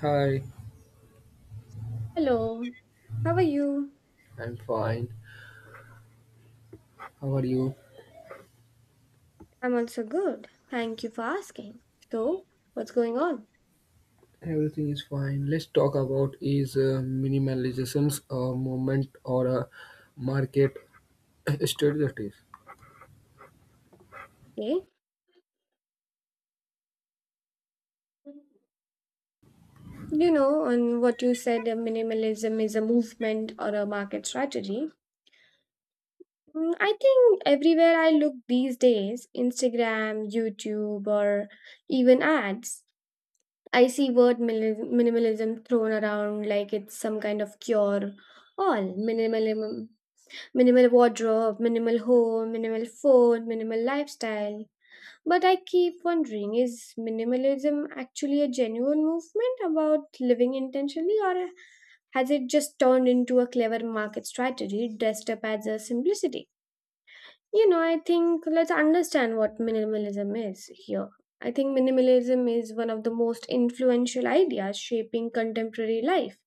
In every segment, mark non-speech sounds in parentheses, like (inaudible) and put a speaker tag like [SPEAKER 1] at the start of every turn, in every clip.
[SPEAKER 1] Hi,
[SPEAKER 2] Hello, how are you?
[SPEAKER 1] I'm fine. How are you?
[SPEAKER 2] I'm also good. Thank you for asking. So, what's going on?
[SPEAKER 1] Everything is fine. Let's talk about is minimalization's a movement or a market (coughs) (clears throat) strategies.
[SPEAKER 2] Okay. You know, on what you said, minimalism is a movement or a market strategy. I think everywhere I look these days, Instagram, YouTube, or even ads, I see word minimalism thrown around like it's some kind of cure. All minimalism, minimal wardrobe, minimal home, minimal phone, minimal lifestyle. But I keep wondering, is minimalism actually a genuine movement about living intentionally, or has it just turned into a clever market strategy dressed up as a simplicity? You know, I think let's understand what minimalism is here. I think minimalism is one of the most influential ideas shaping contemporary life.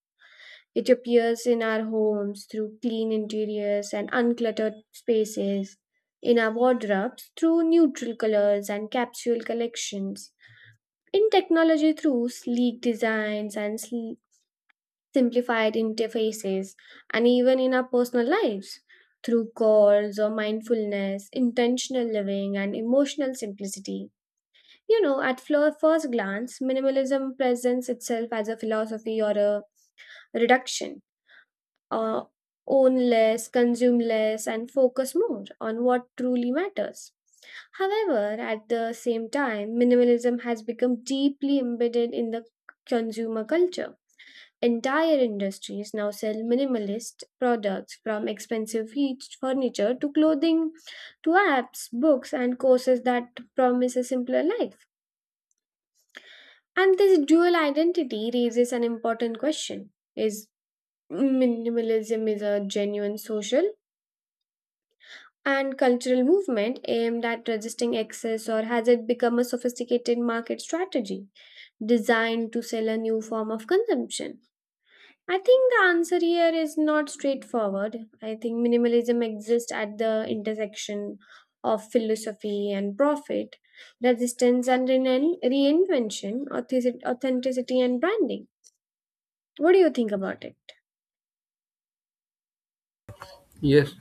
[SPEAKER 2] It appears in our homes through clean interiors and uncluttered spaces, in our wardrobes through neutral colors and capsule collections, in technology through sleek designs and simplified interfaces, and even in our personal lives through calls or mindfulness, intentional living, and emotional simplicity. You know, at first glance, minimalism presents itself as a philosophy or a reduction. uh, Own less, consume less, and focus more on what truly matters. However, at the same time, minimalism has become deeply embedded in the consumer culture. Entire industries now sell minimalist products, from expensive heat furniture to clothing to apps, books, and courses that promise a simpler life. And this dual identity raises an important question. Is minimalism is a genuine social and cultural movement aimed at resisting excess, or has it become a sophisticated market strategy designed to sell a new form of consumption? I think the answer here is not straightforward. I think minimalism exists at the intersection of philosophy and profit, resistance and reinvention, authenticity and branding. What do you think about it?
[SPEAKER 1] Yes,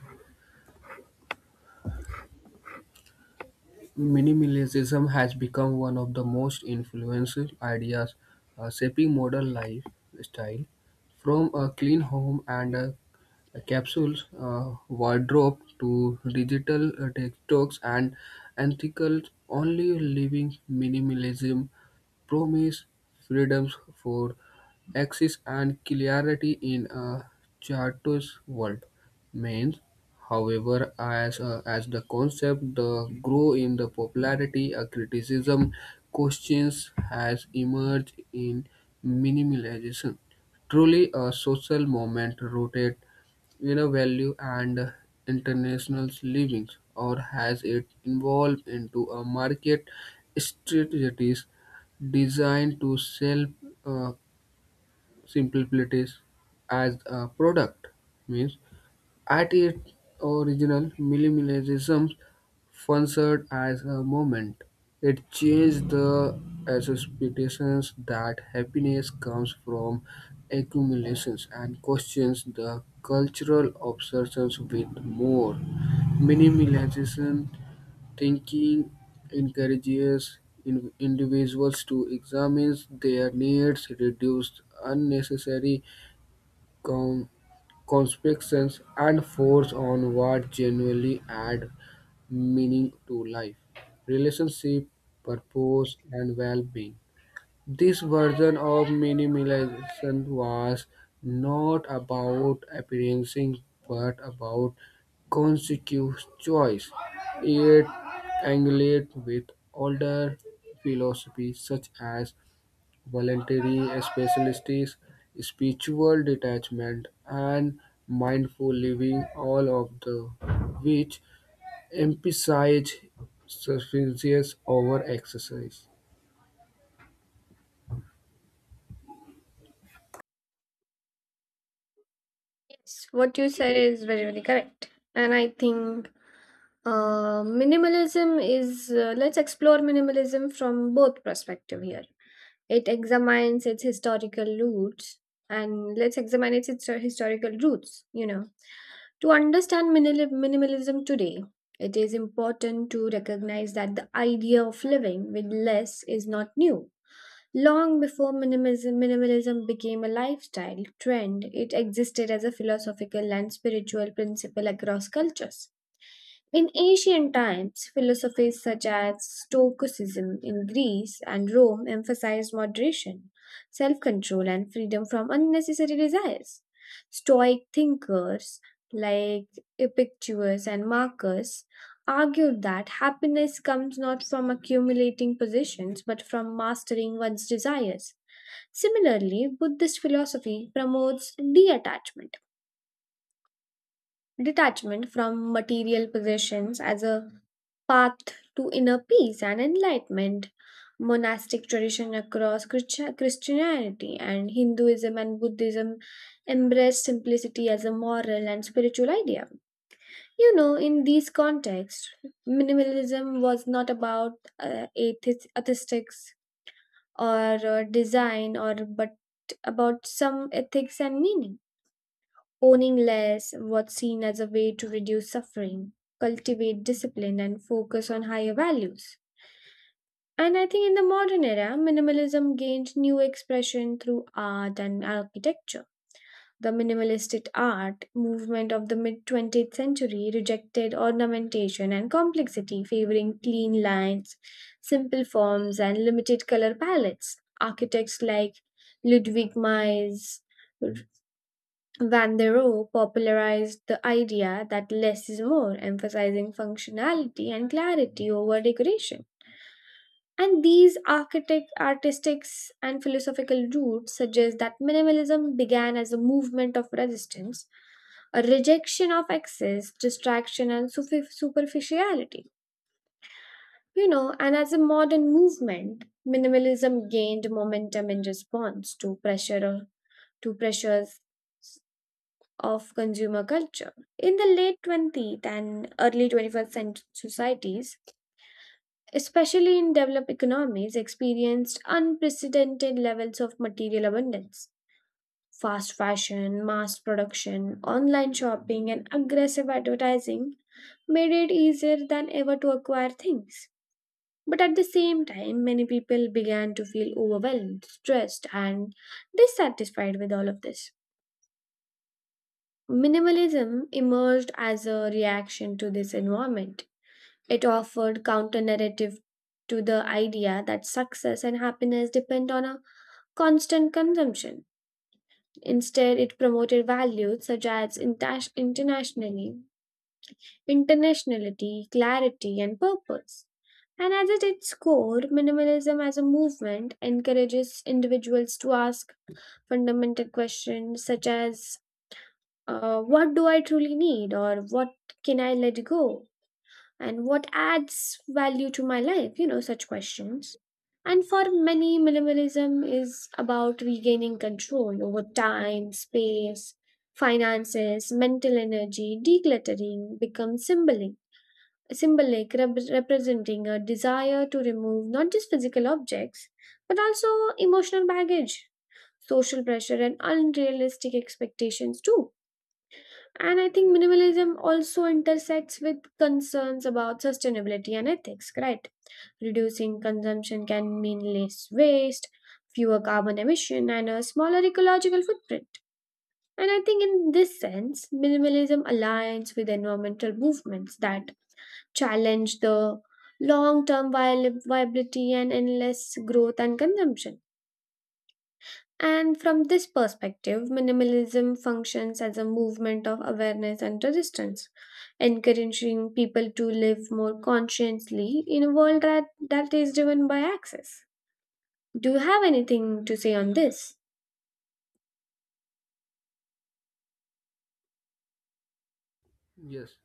[SPEAKER 1] minimalism has become one of the most influential ideas shaping modern lifestyle. From a clean home and a capsules, wardrobe to digital detox and ethical only living minimalism promised freedoms for access and clarity in a charters world. Means, however, as the concept the grow in the popularity, a criticism questions has emerged in minimalism. Truly a social movement rooted in a value and international livings, or has it evolved into a market strategies designed to sell uh, simplicities as a product means at its original minimalism functioned as a movement it changed the expectations that happiness comes from accumulations and questions the cultural obsessions with more minimalism thinking encourages individuals to examine their needs, reduce unnecessary com- constrictions, and focus on what genuinely add meaning to life, relationship, purpose, and well-being. This version of minimalism was not about appearances but about conscious choice. It engaged with older philosophies such as voluntary specialities, spiritual detachment, and mindful living, all of the which emphasize sufficiency over excess.
[SPEAKER 2] Yes, what you said is very, very correct. And I think minimalism is, let's explore minimalism from both perspective here. It examines its historical roots, and let's examine its historical roots, you know. To understand minimalism today, it is important to recognize that the idea of living with less is not new. Long before minimism, minimalism became a lifestyle trend, it existed as a philosophical and spiritual principle across cultures. In ancient times, philosophies such as Stoicism in Greece and Rome emphasized moderation, self control, and freedom from unnecessary desires. Stoic thinkers like Epictetus and Marcus argued that happiness comes not from accumulating possessions but from mastering one's desires. Similarly, Buddhist philosophy promotes detachment, detachment from material possessions as a path to inner peace and enlightenment. Monastic tradition across Christianity and Hinduism and Buddhism embrace simplicity as a moral and spiritual idea. You know, in these contexts, minimalism was not about atheistics or design, or but about some ethics and meaning. Owning less was seen as a way to reduce suffering, cultivate discipline, and focus on higher values. And I think in the modern era, minimalism gained new expression through art and architecture. The minimalistic art movement of the mid 20th century rejected ornamentation and complexity, favoring clean lines, simple forms, and limited color palettes. Architects like Ludwig Mies Van der Rohe popularized the idea that less is more, emphasizing functionality and clarity over decoration. And these architect, artistic, and philosophical roots suggest that minimalism began as a movement of resistance, a rejection of excess, distraction, and superficiality. You know, and as a modern movement, minimalism gained momentum in response to pressures of consumer culture. In the late 20th and early 21st century societies, especially in developed economies, experienced unprecedented levels of material abundance. Fast fashion, mass production, online shopping, and aggressive advertising made it easier than ever to acquire things. But at the same time, many people began to feel overwhelmed, stressed, and dissatisfied with all of this. Minimalism emerged as a reaction to this environment. It offered counter narrative to the idea that success and happiness depend on a constant consumption. Instead, it promoted values such as internationally, internationality, clarity, and purpose. And as at its core, minimalism as a movement encourages individuals to ask fundamental questions such as what do I truly need, or what can I let go, and what adds value to my life? You know, such questions. And for many, minimalism is about regaining control over time, space, finances, mental energy. Decluttering becomes symbolic, symbolic representing a desire to remove not just physical objects, but also emotional baggage, social pressure, and unrealistic expectations too. And I think minimalism also intersects with concerns about sustainability and ethics, right? Reducing consumption can mean less waste, fewer carbon emission, and a smaller ecological footprint. And I think in this sense, minimalism aligns with environmental movements that challenge the long term viability and endless growth and consumption. And from this perspective, minimalism functions as a movement of awareness and resistance, encouraging people to live more consciously in a world that is driven by access. Do you have anything to say on this?
[SPEAKER 1] Yes.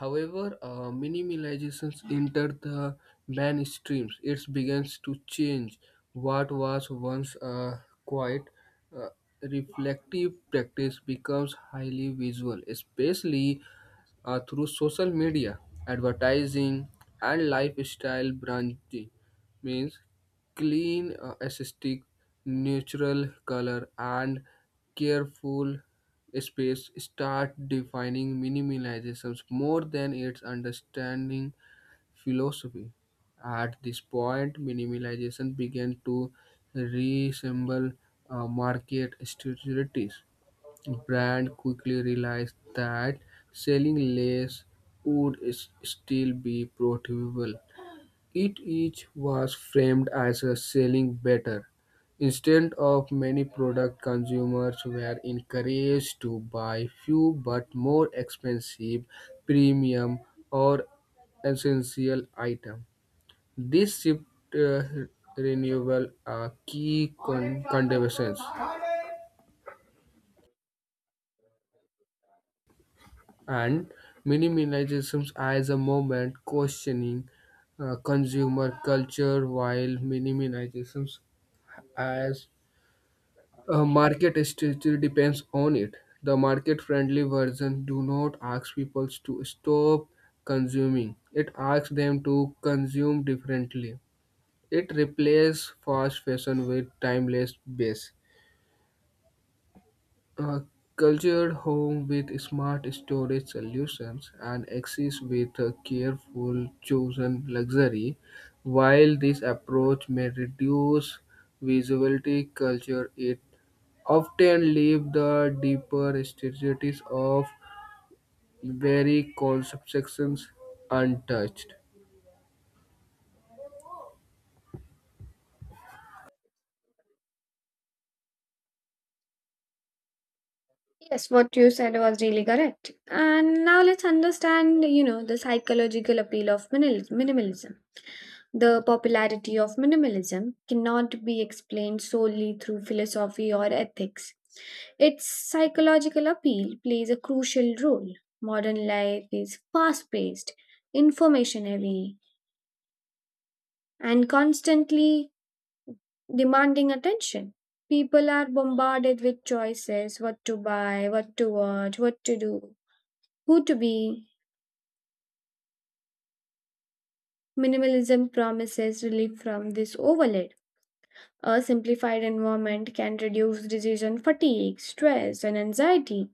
[SPEAKER 1] However, minimalization entered the mainstream. It begins to change what was once a quiet, uh, reflective practice becomes highly visual, especially through social media, advertising, and lifestyle branding. Means clean, aesthetic, natural color, and careful space start defining minimalism more than its understanding philosophy. At this point, minimalism began to resemble market strategies. Brand quickly realized that selling less would still be profitable it each was framed as a selling better. Instead of many product consumers were encouraged to buy few but more expensive premium or essential item. This shift uh, renewal a key contributions and minimalism as a movement questioning consumer culture while minimalism as market strategy depends on it. The market-friendly version do not ask people to stop consuming. It asks them to consume differently. It replaces fast fashion with timeless base. A cultured home with smart storage solutions and access with a careful chosen luxury. While this approach may reduce visibility, culture it often leave the deeper strategies of very conceptions untouched.
[SPEAKER 2] Yes, what you said was really correct. And now let's understand, you know, the psychological appeal of minimalism. The popularity of minimalism cannot be explained solely through philosophy or ethics. Its psychological appeal plays a crucial role. Modern life is fast paced, information heavy, and constantly demanding attention. People are bombarded with choices: what to buy, what to watch, what to do, who to be. Minimalism promises relief from this overload. A simplified environment can reduce decision fatigue, stress, and anxiety.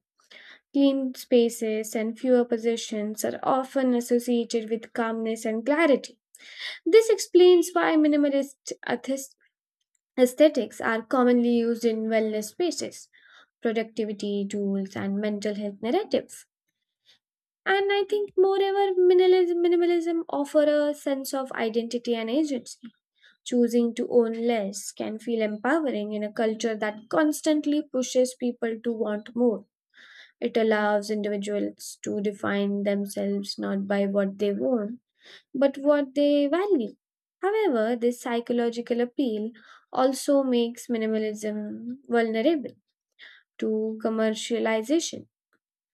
[SPEAKER 2] Clean spaces and fewer possessions are often associated with calmness and clarity. This explains why minimalist aesthetics are commonly used in wellness spaces, productivity tools, and mental health narratives. And I think, moreover, minimalism offer a sense of identity and agency. Choosing to own less can feel empowering in a culture that constantly pushes people to want more. It allows individuals to define themselves not by what they want, but what they value. However, this psychological appeal also makes minimalism vulnerable to commercialization.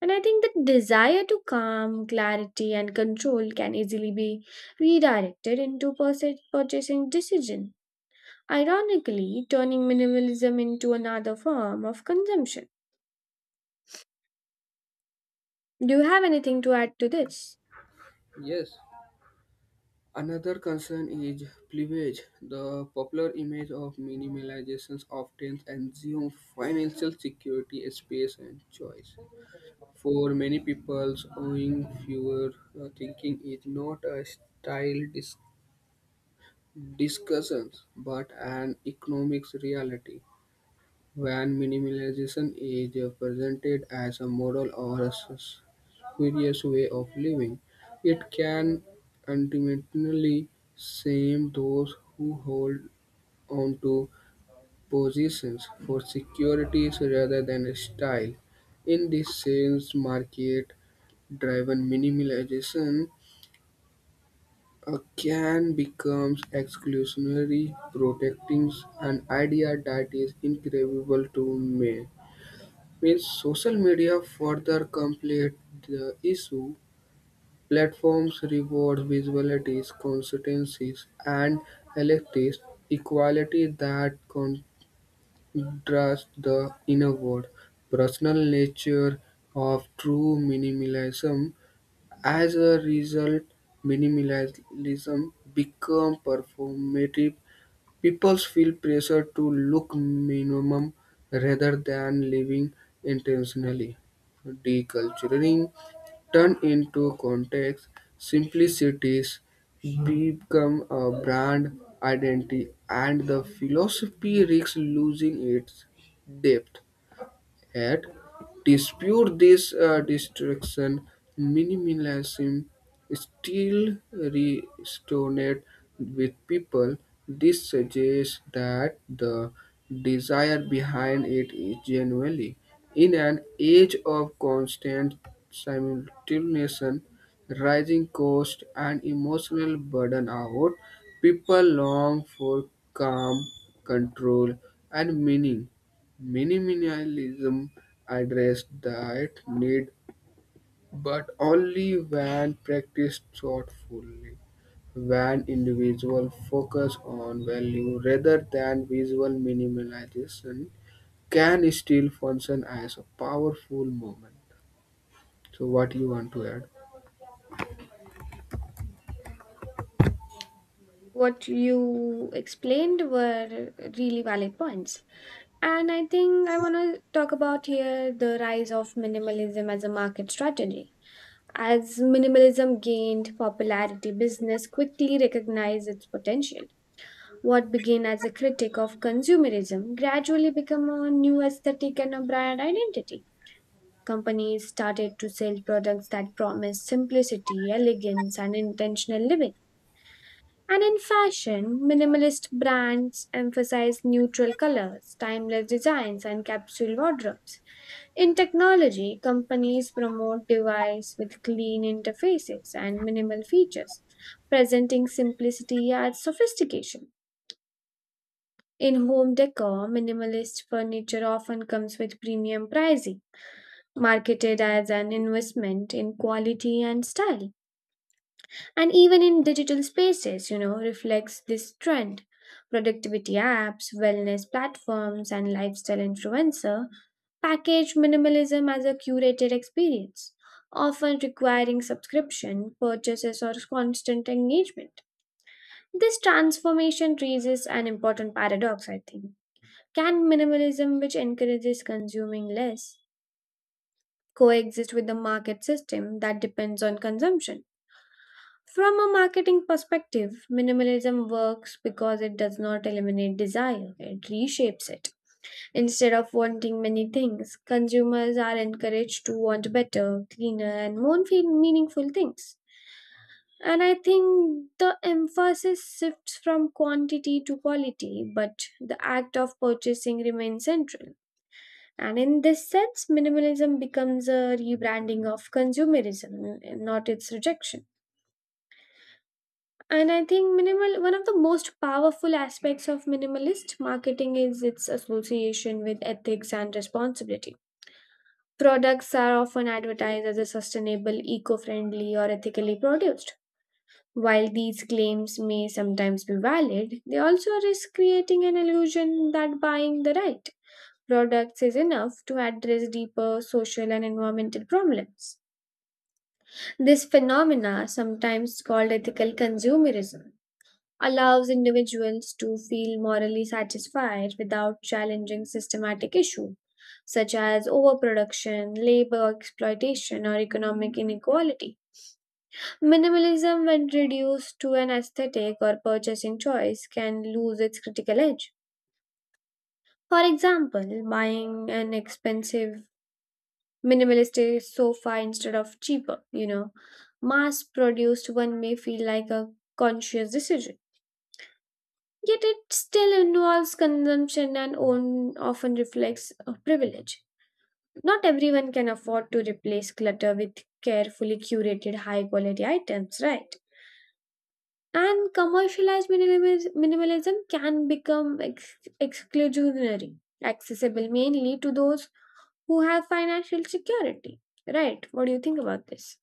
[SPEAKER 2] And I think the desire to calm, clarity, and control can easily be redirected into purchasing decision. Ironically, turning minimalism into another form of consumption. Do you have anything to add to this?
[SPEAKER 1] Yes, another concern is cleavage. The popular image of minimalization often assumes financial security, space, and choice. For many people, owning fewer thinking is not a style discussion but an economics reality. When minimalism is presented as a moral or a spurious way of living, it can ultimately shame those who hold onto positions for securities rather than style. In this sense, market driven minimalism can become exclusionary, protecting an idea that is incredible to me means social media further complete the issue. Platforms reward visualities, consistencies, and electives equality that contrast the inner world, personal nature of true minimalism. As a result, minimalism become performative. People feel pressure to look minimum rather than living intentionally. Deculturing turn into context. Simplicities become a brand identity, and the philosophy risks losing its depth. At dispute this destruction, minimalism still resonates with people. This suggests that the desire behind it is genuinely. In an age of constant simultaneous rising cost and emotional burden out, people long for calm, control, and meaning. Minimalism addressed that need, but only when practiced thoughtfully, when individuals focus on value rather than visual minimalization can still function as a powerful movement. So what you want to add?
[SPEAKER 2] What you explained were really valid points. And I think I want to talk about here the rise of minimalism as a market strategy. As minimalism gained popularity, business quickly recognized its potential. What began as a critic of consumerism gradually became a new aesthetic and a brand identity. Companies started to sell products that promised simplicity, elegance, and intentional living. And in fashion, minimalist brands emphasize neutral colors, timeless designs, and capsule wardrobes. In technology, companies promote devices with clean interfaces and minimal features, presenting simplicity as sophistication. In home decor, minimalist furniture often comes with premium pricing, marketed as an investment in quality and style. And even in digital spaces, you know, reflects this trend. Productivity apps, wellness platforms, and lifestyle influencer package minimalism as a curated experience, often requiring subscription purchases or constant engagement. This transformation raises an important paradox, I think. Can minimalism, which encourages consuming less, coexist with the market system that depends on consumption? From a marketing perspective, minimalism works because it does not eliminate desire, it reshapes it. Instead of wanting many things, consumers are encouraged to want better, cleaner, and more meaningful things. And I think the emphasis shifts from quantity to quality, but the act of purchasing remains central. And in this sense, minimalism becomes a rebranding of consumerism, not its rejection. And I think minimal one of the most powerful aspects of minimalist marketing is its association with ethics and responsibility. Products are often advertised as a sustainable, eco-friendly, or ethically produced. While these claims may sometimes be valid, they also risk creating an illusion that buying the right products is enough to address deeper social and environmental problems. This phenomena, sometimes called ethical consumerism, allows individuals to feel morally satisfied without challenging systematic issues such as overproduction, labor exploitation, or economic inequality. Minimalism, when reduced to an aesthetic or purchasing choice, can lose its critical edge. For example, buying an expensive minimalistic sofa instead of cheaper, you know, mass produced one may feel like a conscious decision. Yet it still involves consumption and own often reflects a privilege. Not everyone can afford to replace clutter with carefully curated high quality items, right? And commercialized minimalism can become exclusionary, accessible mainly to those who have financial security, right? What do you think about this?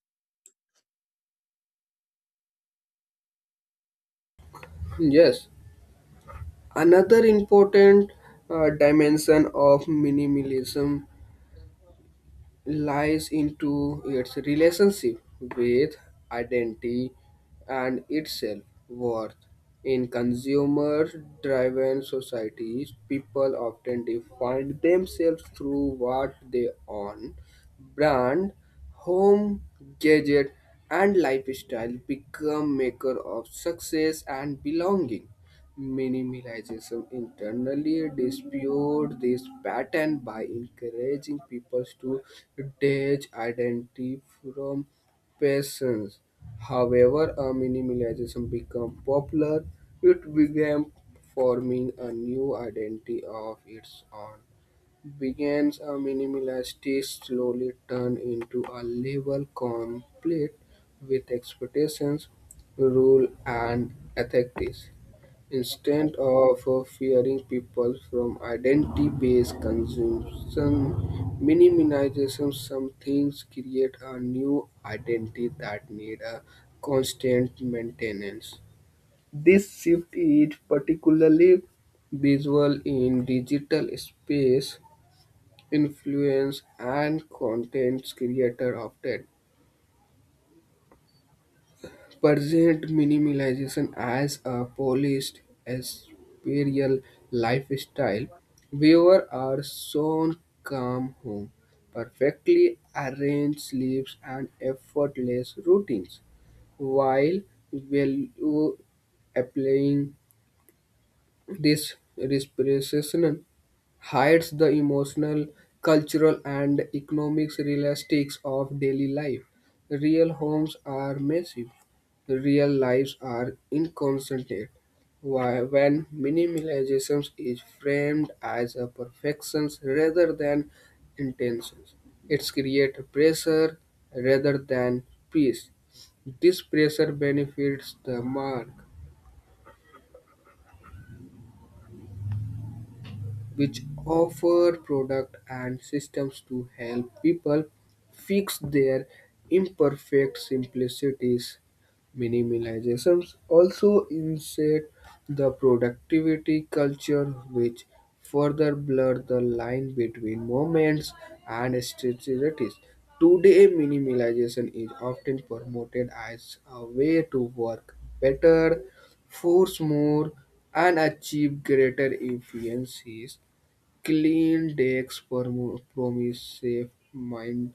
[SPEAKER 1] Yes, another important dimension of minimalism lies into its relationship with identity and its self-worth. In consumer-driven societies, people often define themselves through what they own, brand, home, gadget, and lifestyle become maker of success and belonging. Minimalism internally disputes this pattern by encouraging people to detach identity from persons. However, a minimalism became popular, it began forming a new identity of its own. Begins a minimalist slowly turned into a label complete with expectations, rule, and ethics. Instead of fearing people from identity-based consumption, minimization some things create a new identity that need a constant maintenance. This shift is particularly visual in digital space, influence and content creator often present minimalization as a polished aspiral lifestyle, viewers are shown calm home, perfectly arranged sleeps and effortless routines, while value applying this respiration hides the emotional, cultural, and economic realities of daily life. Real homes are massive, real lives are inconsiderate. Why, when minimalism is framed as a perfection rather than intentions, it's create pressure rather than peace. This pressure benefits the mark which offer products and systems to help people fix their imperfect simplicities. Minimalism also insert the productivity culture, which further blur the line between moments and strategies. Today, minimalization is often promoted as a way to work better, force more, and achieve greater efficiencies. Clean decks promise safe mind,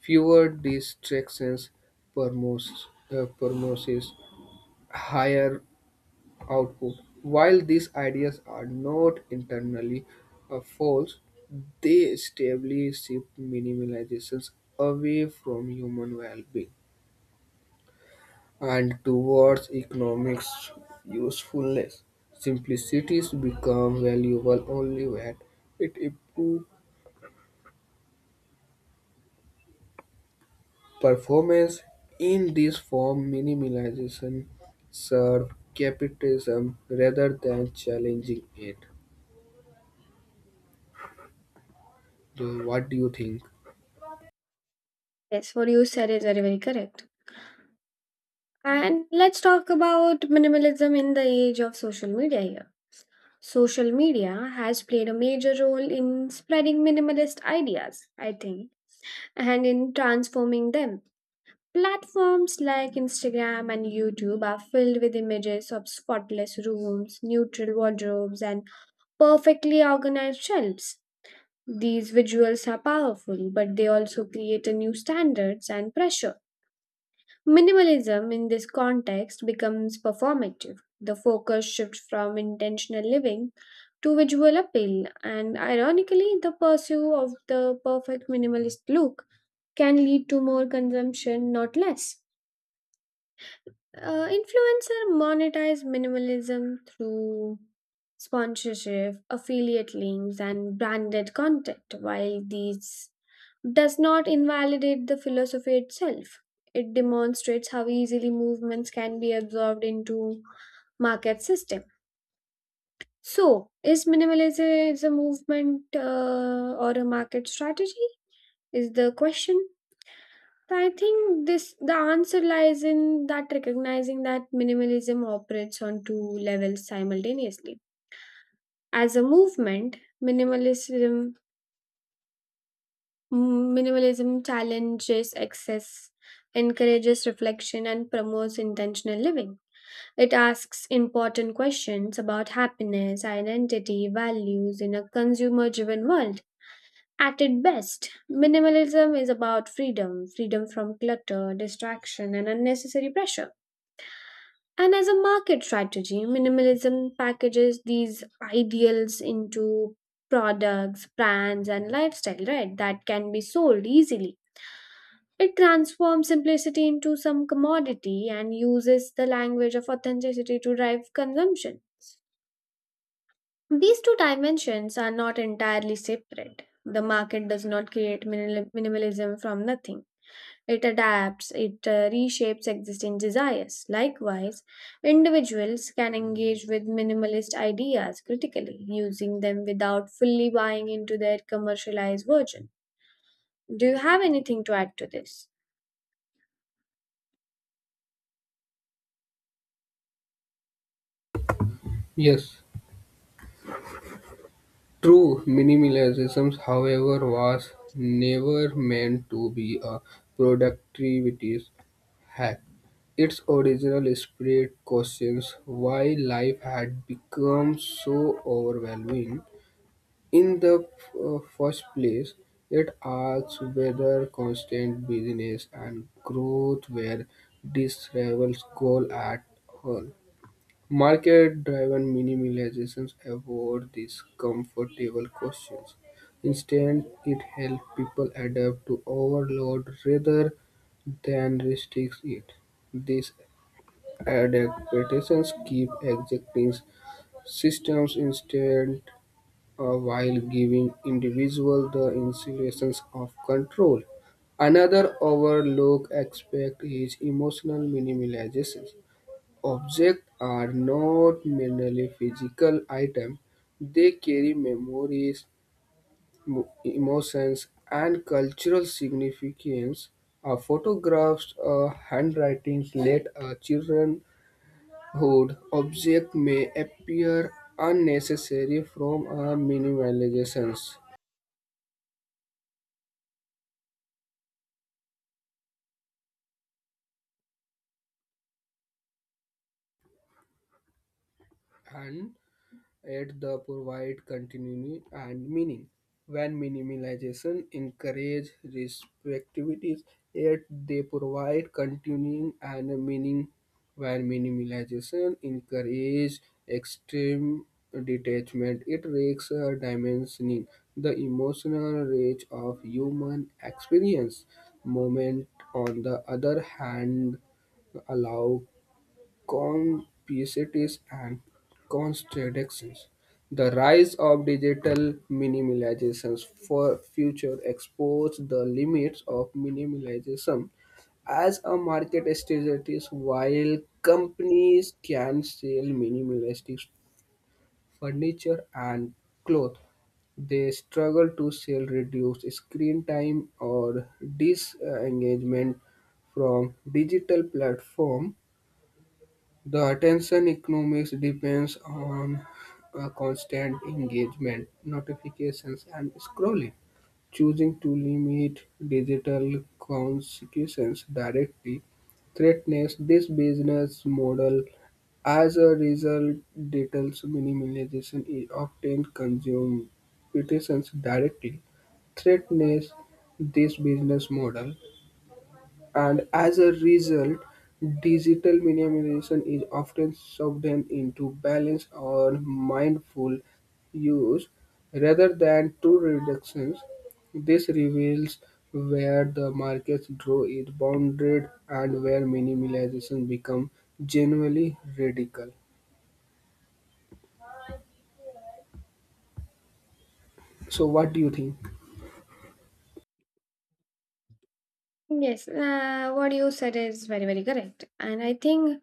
[SPEAKER 1] fewer distractions, promotes promises higher output. While these ideas are not internally false, they stably shift minimizations away from human well-being and towards economics usefulness. Simplicities become valuable only when it improves performance in this form minimization serves capitalism rather than challenging it. So what do you think?
[SPEAKER 2] Yes, what you said is very, very correct. And let's talk about minimalism in the age of social media here. Social media has played a major role in spreading minimalist ideas, I think, and in transforming them. Platforms like Instagram and YouTube are filled with images of spotless rooms, neutral wardrobes, and perfectly organized shelves. These visuals are powerful, but they also create a new standards and pressure. Minimalism in this context becomes performative. The focus shifts from intentional living to visual appeal, and ironically, the pursuit of the perfect minimalist look can lead to more consumption, not less. Influencer monetize minimalism through sponsorship, affiliate links, and branded content. While these does not invalidate the philosophy itself, it demonstrates how easily movements can be absorbed into market system. So, is minimalism is a movement or a market strategy? Is the question. So, I think this the answer lies in that recognizing that minimalism operates on two levels simultaneously. As a movement, minimalism minimalism challenges excess, encourages reflection and promotes intentional living. It asks important questions about happiness, identity, values in a consumer driven world. At its best, minimalism is about freedom from clutter, distraction, and unnecessary pressure. And as a market strategy, minimalism packages these ideals into products, brands, and lifestyle, right? That can be sold easily. It transforms simplicity into some commodity and uses the language of authenticity to drive consumption. These two dimensions are not entirely separate. The market does not create minimalism from nothing. It adapts, it reshapes existing desires. Likewise, individuals can engage with minimalist ideas critically, using them without fully buying into their commercialized version. Do you have anything to add to this?
[SPEAKER 1] Yes. True minimalism, however, was never meant to be a productivity hack. Its original spirit questions why life had become so overwhelming in the first place, it asks whether constant business and growth were this rival's goal at all. Market-driven minimalizations avoid these comfortable questions. Instead, it helps people adapt to overload rather than restricts it. These adaptations keep existing systems instead while giving individual the insinuations of control. Another overlooked aspect is emotional minimalization. Objects are not merely physical items. They carry memories, emotions, and cultural significance. Photographs, handwritings, late childrenhood object may appear unnecessary from a minimalizations and yet they provide continuity and meaning. When minimalization encourages respectivities, yet they provide continuing and meaning. When minimalization encourages extreme detachment, it risks a dimensioning the emotional range of human experience. Moment, on the other hand, allow complexities and contradictions. The rise of digital minimalism for future exposed the limits of minimalism as a market strategy while companies can sell minimalistic furniture and clothes they struggle to sell reduced screen time or disengagement from digital platform the attention economics depends on constant engagement, notifications, and scrolling. Choosing to limit digital consequences directly threatens this business model. As a result, digital minimization is often consumed petitions directly threatens this business model and as a result, digital minimization is often subsumed into balance or mindful use rather than true reductions. This reveals where the market's draw is bounded and where minimalization becomes genuinely radical. So, what do you think?
[SPEAKER 2] Yes, what you said is very, very correct. And I think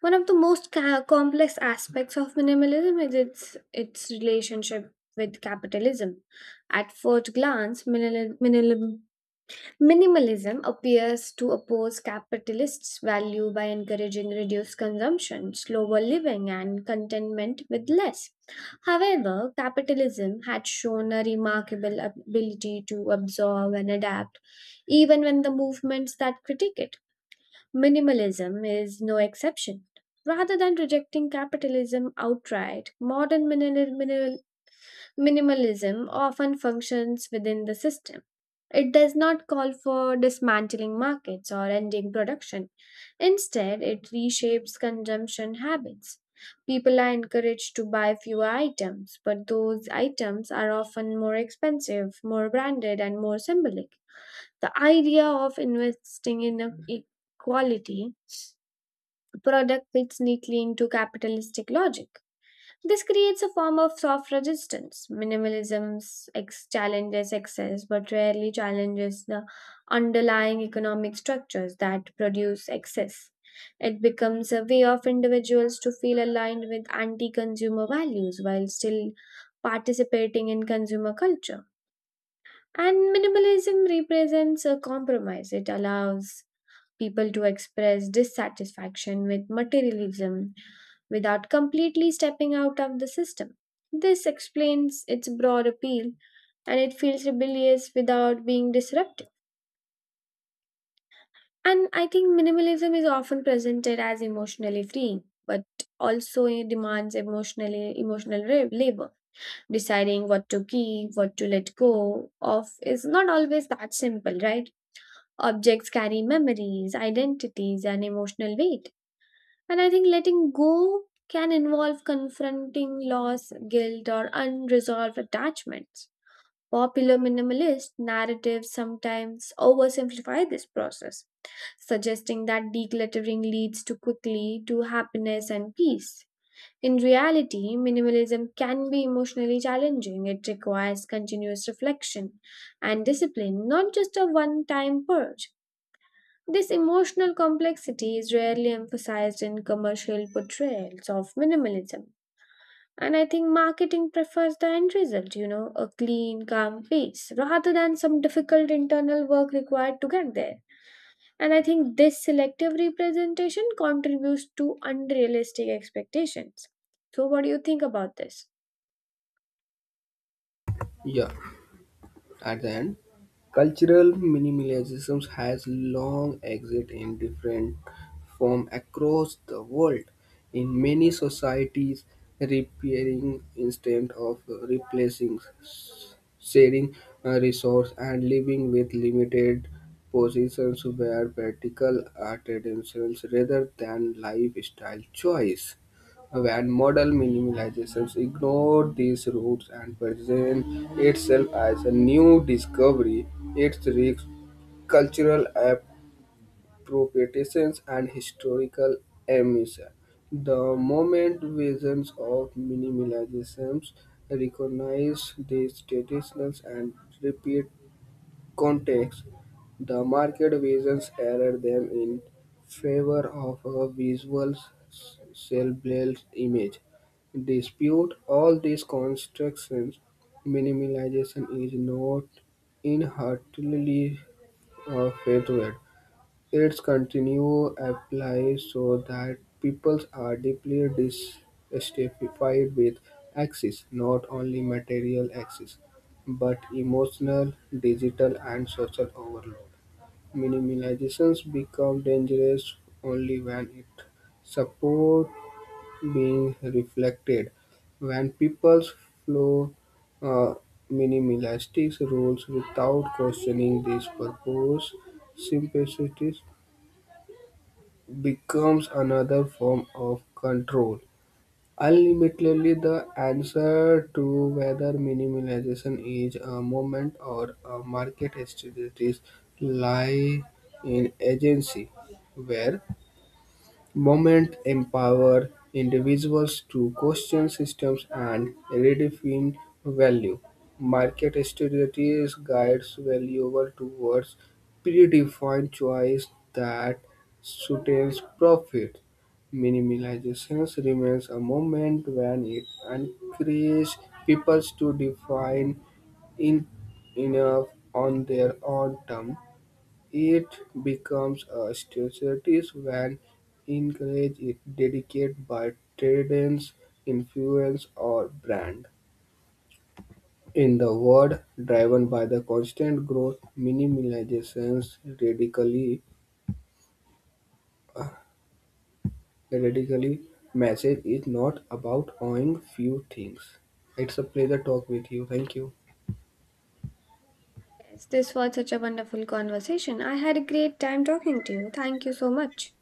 [SPEAKER 2] one of the most complex aspects of minimalism is its relationship with capitalism. At first glance, minimalism appears to oppose capitalists' value by encouraging reduced consumption, slower living, and contentment with less. However, capitalism had shown a remarkable ability to absorb and adapt, even when the movements that critique it. Minimalism is no exception. Rather than rejecting capitalism outright, modern minimalism often functions within the system. It does not call for dismantling markets or ending production. Instead, it reshapes consumption habits. People are encouraged to buy fewer items, but those items are often more expensive, more branded, and more symbolic. The idea of investing in a quality product fits neatly into capitalistic logic. This creates a form of soft resistance. Minimalism challenges excess, but rarely challenges the underlying economic structures that produce excess. It becomes a way of individuals to feel aligned with anti consumer values while still participating in consumer culture. And minimalism represents a compromise, it allows people to express dissatisfaction with materialism without completely stepping out of the system. This explains its broad appeal and it feels rebellious without being disruptive. And I think minimalism is often presented as emotionally freeing, but also it demands emotional labor. Deciding what to keep, what to let go of is not always that simple, right? Objects carry memories, identities, and emotional weight. And I think letting go can involve confronting loss, guilt, or unresolved attachments. Popular minimalist narratives sometimes oversimplify this process, suggesting that decluttering leads to quickly to happiness and peace. In reality, minimalism can be emotionally challenging. It requires continuous reflection and discipline, not just a one time purge. This emotional complexity is rarely emphasized in commercial portrayals of minimalism. And I think marketing prefers the end result, you know, a clean, calm piece, rather than some difficult internal work required to get there. And I think this selective representation contributes to unrealistic expectations. So, what do you think about this?
[SPEAKER 1] Yeah. At the end, cultural minimalism has long existed in different forms across the world. In many societies, repairing instead of replacing sharing resource and living with limited positions were practical tendencies rather than lifestyle choice. When model minimalizations ignored these roots and present itself as a new discovery, its rich cultural through petitions and historical amnesia. The moment visions of minimalism recognize these traditions and repeat context, the market visions error them in favor of a visual self-built image. Dispute all these constructions, minimalization is not inherently a failure its continue apply so that people are deeply dissatisfied with access, not only material access, but emotional, digital, and social overload. Minimalizations become dangerous only when it support being reflected. When people's flow, uh, minimalistic rules without questioning this purpose, simplicity becomes another form of control. Ultimately, the answer to whether minimization is a movement or a market strategy lies in agency, where movement empower individuals to question systems and redefine value. Market strategies guides valuers towards predefined choice that sustains profit. Minimalization remains a moment when it encourages people to define in enough on their own terms it becomes a status when encouraged is dedicated by traders, influence, or brand. In the world driven by the constant growth, minimalization's radically message is not about owning few things. It's a pleasure talk with you. Thank you.
[SPEAKER 2] Yes, this was such a wonderful conversation. I had a great time talking to you. Thank you so much.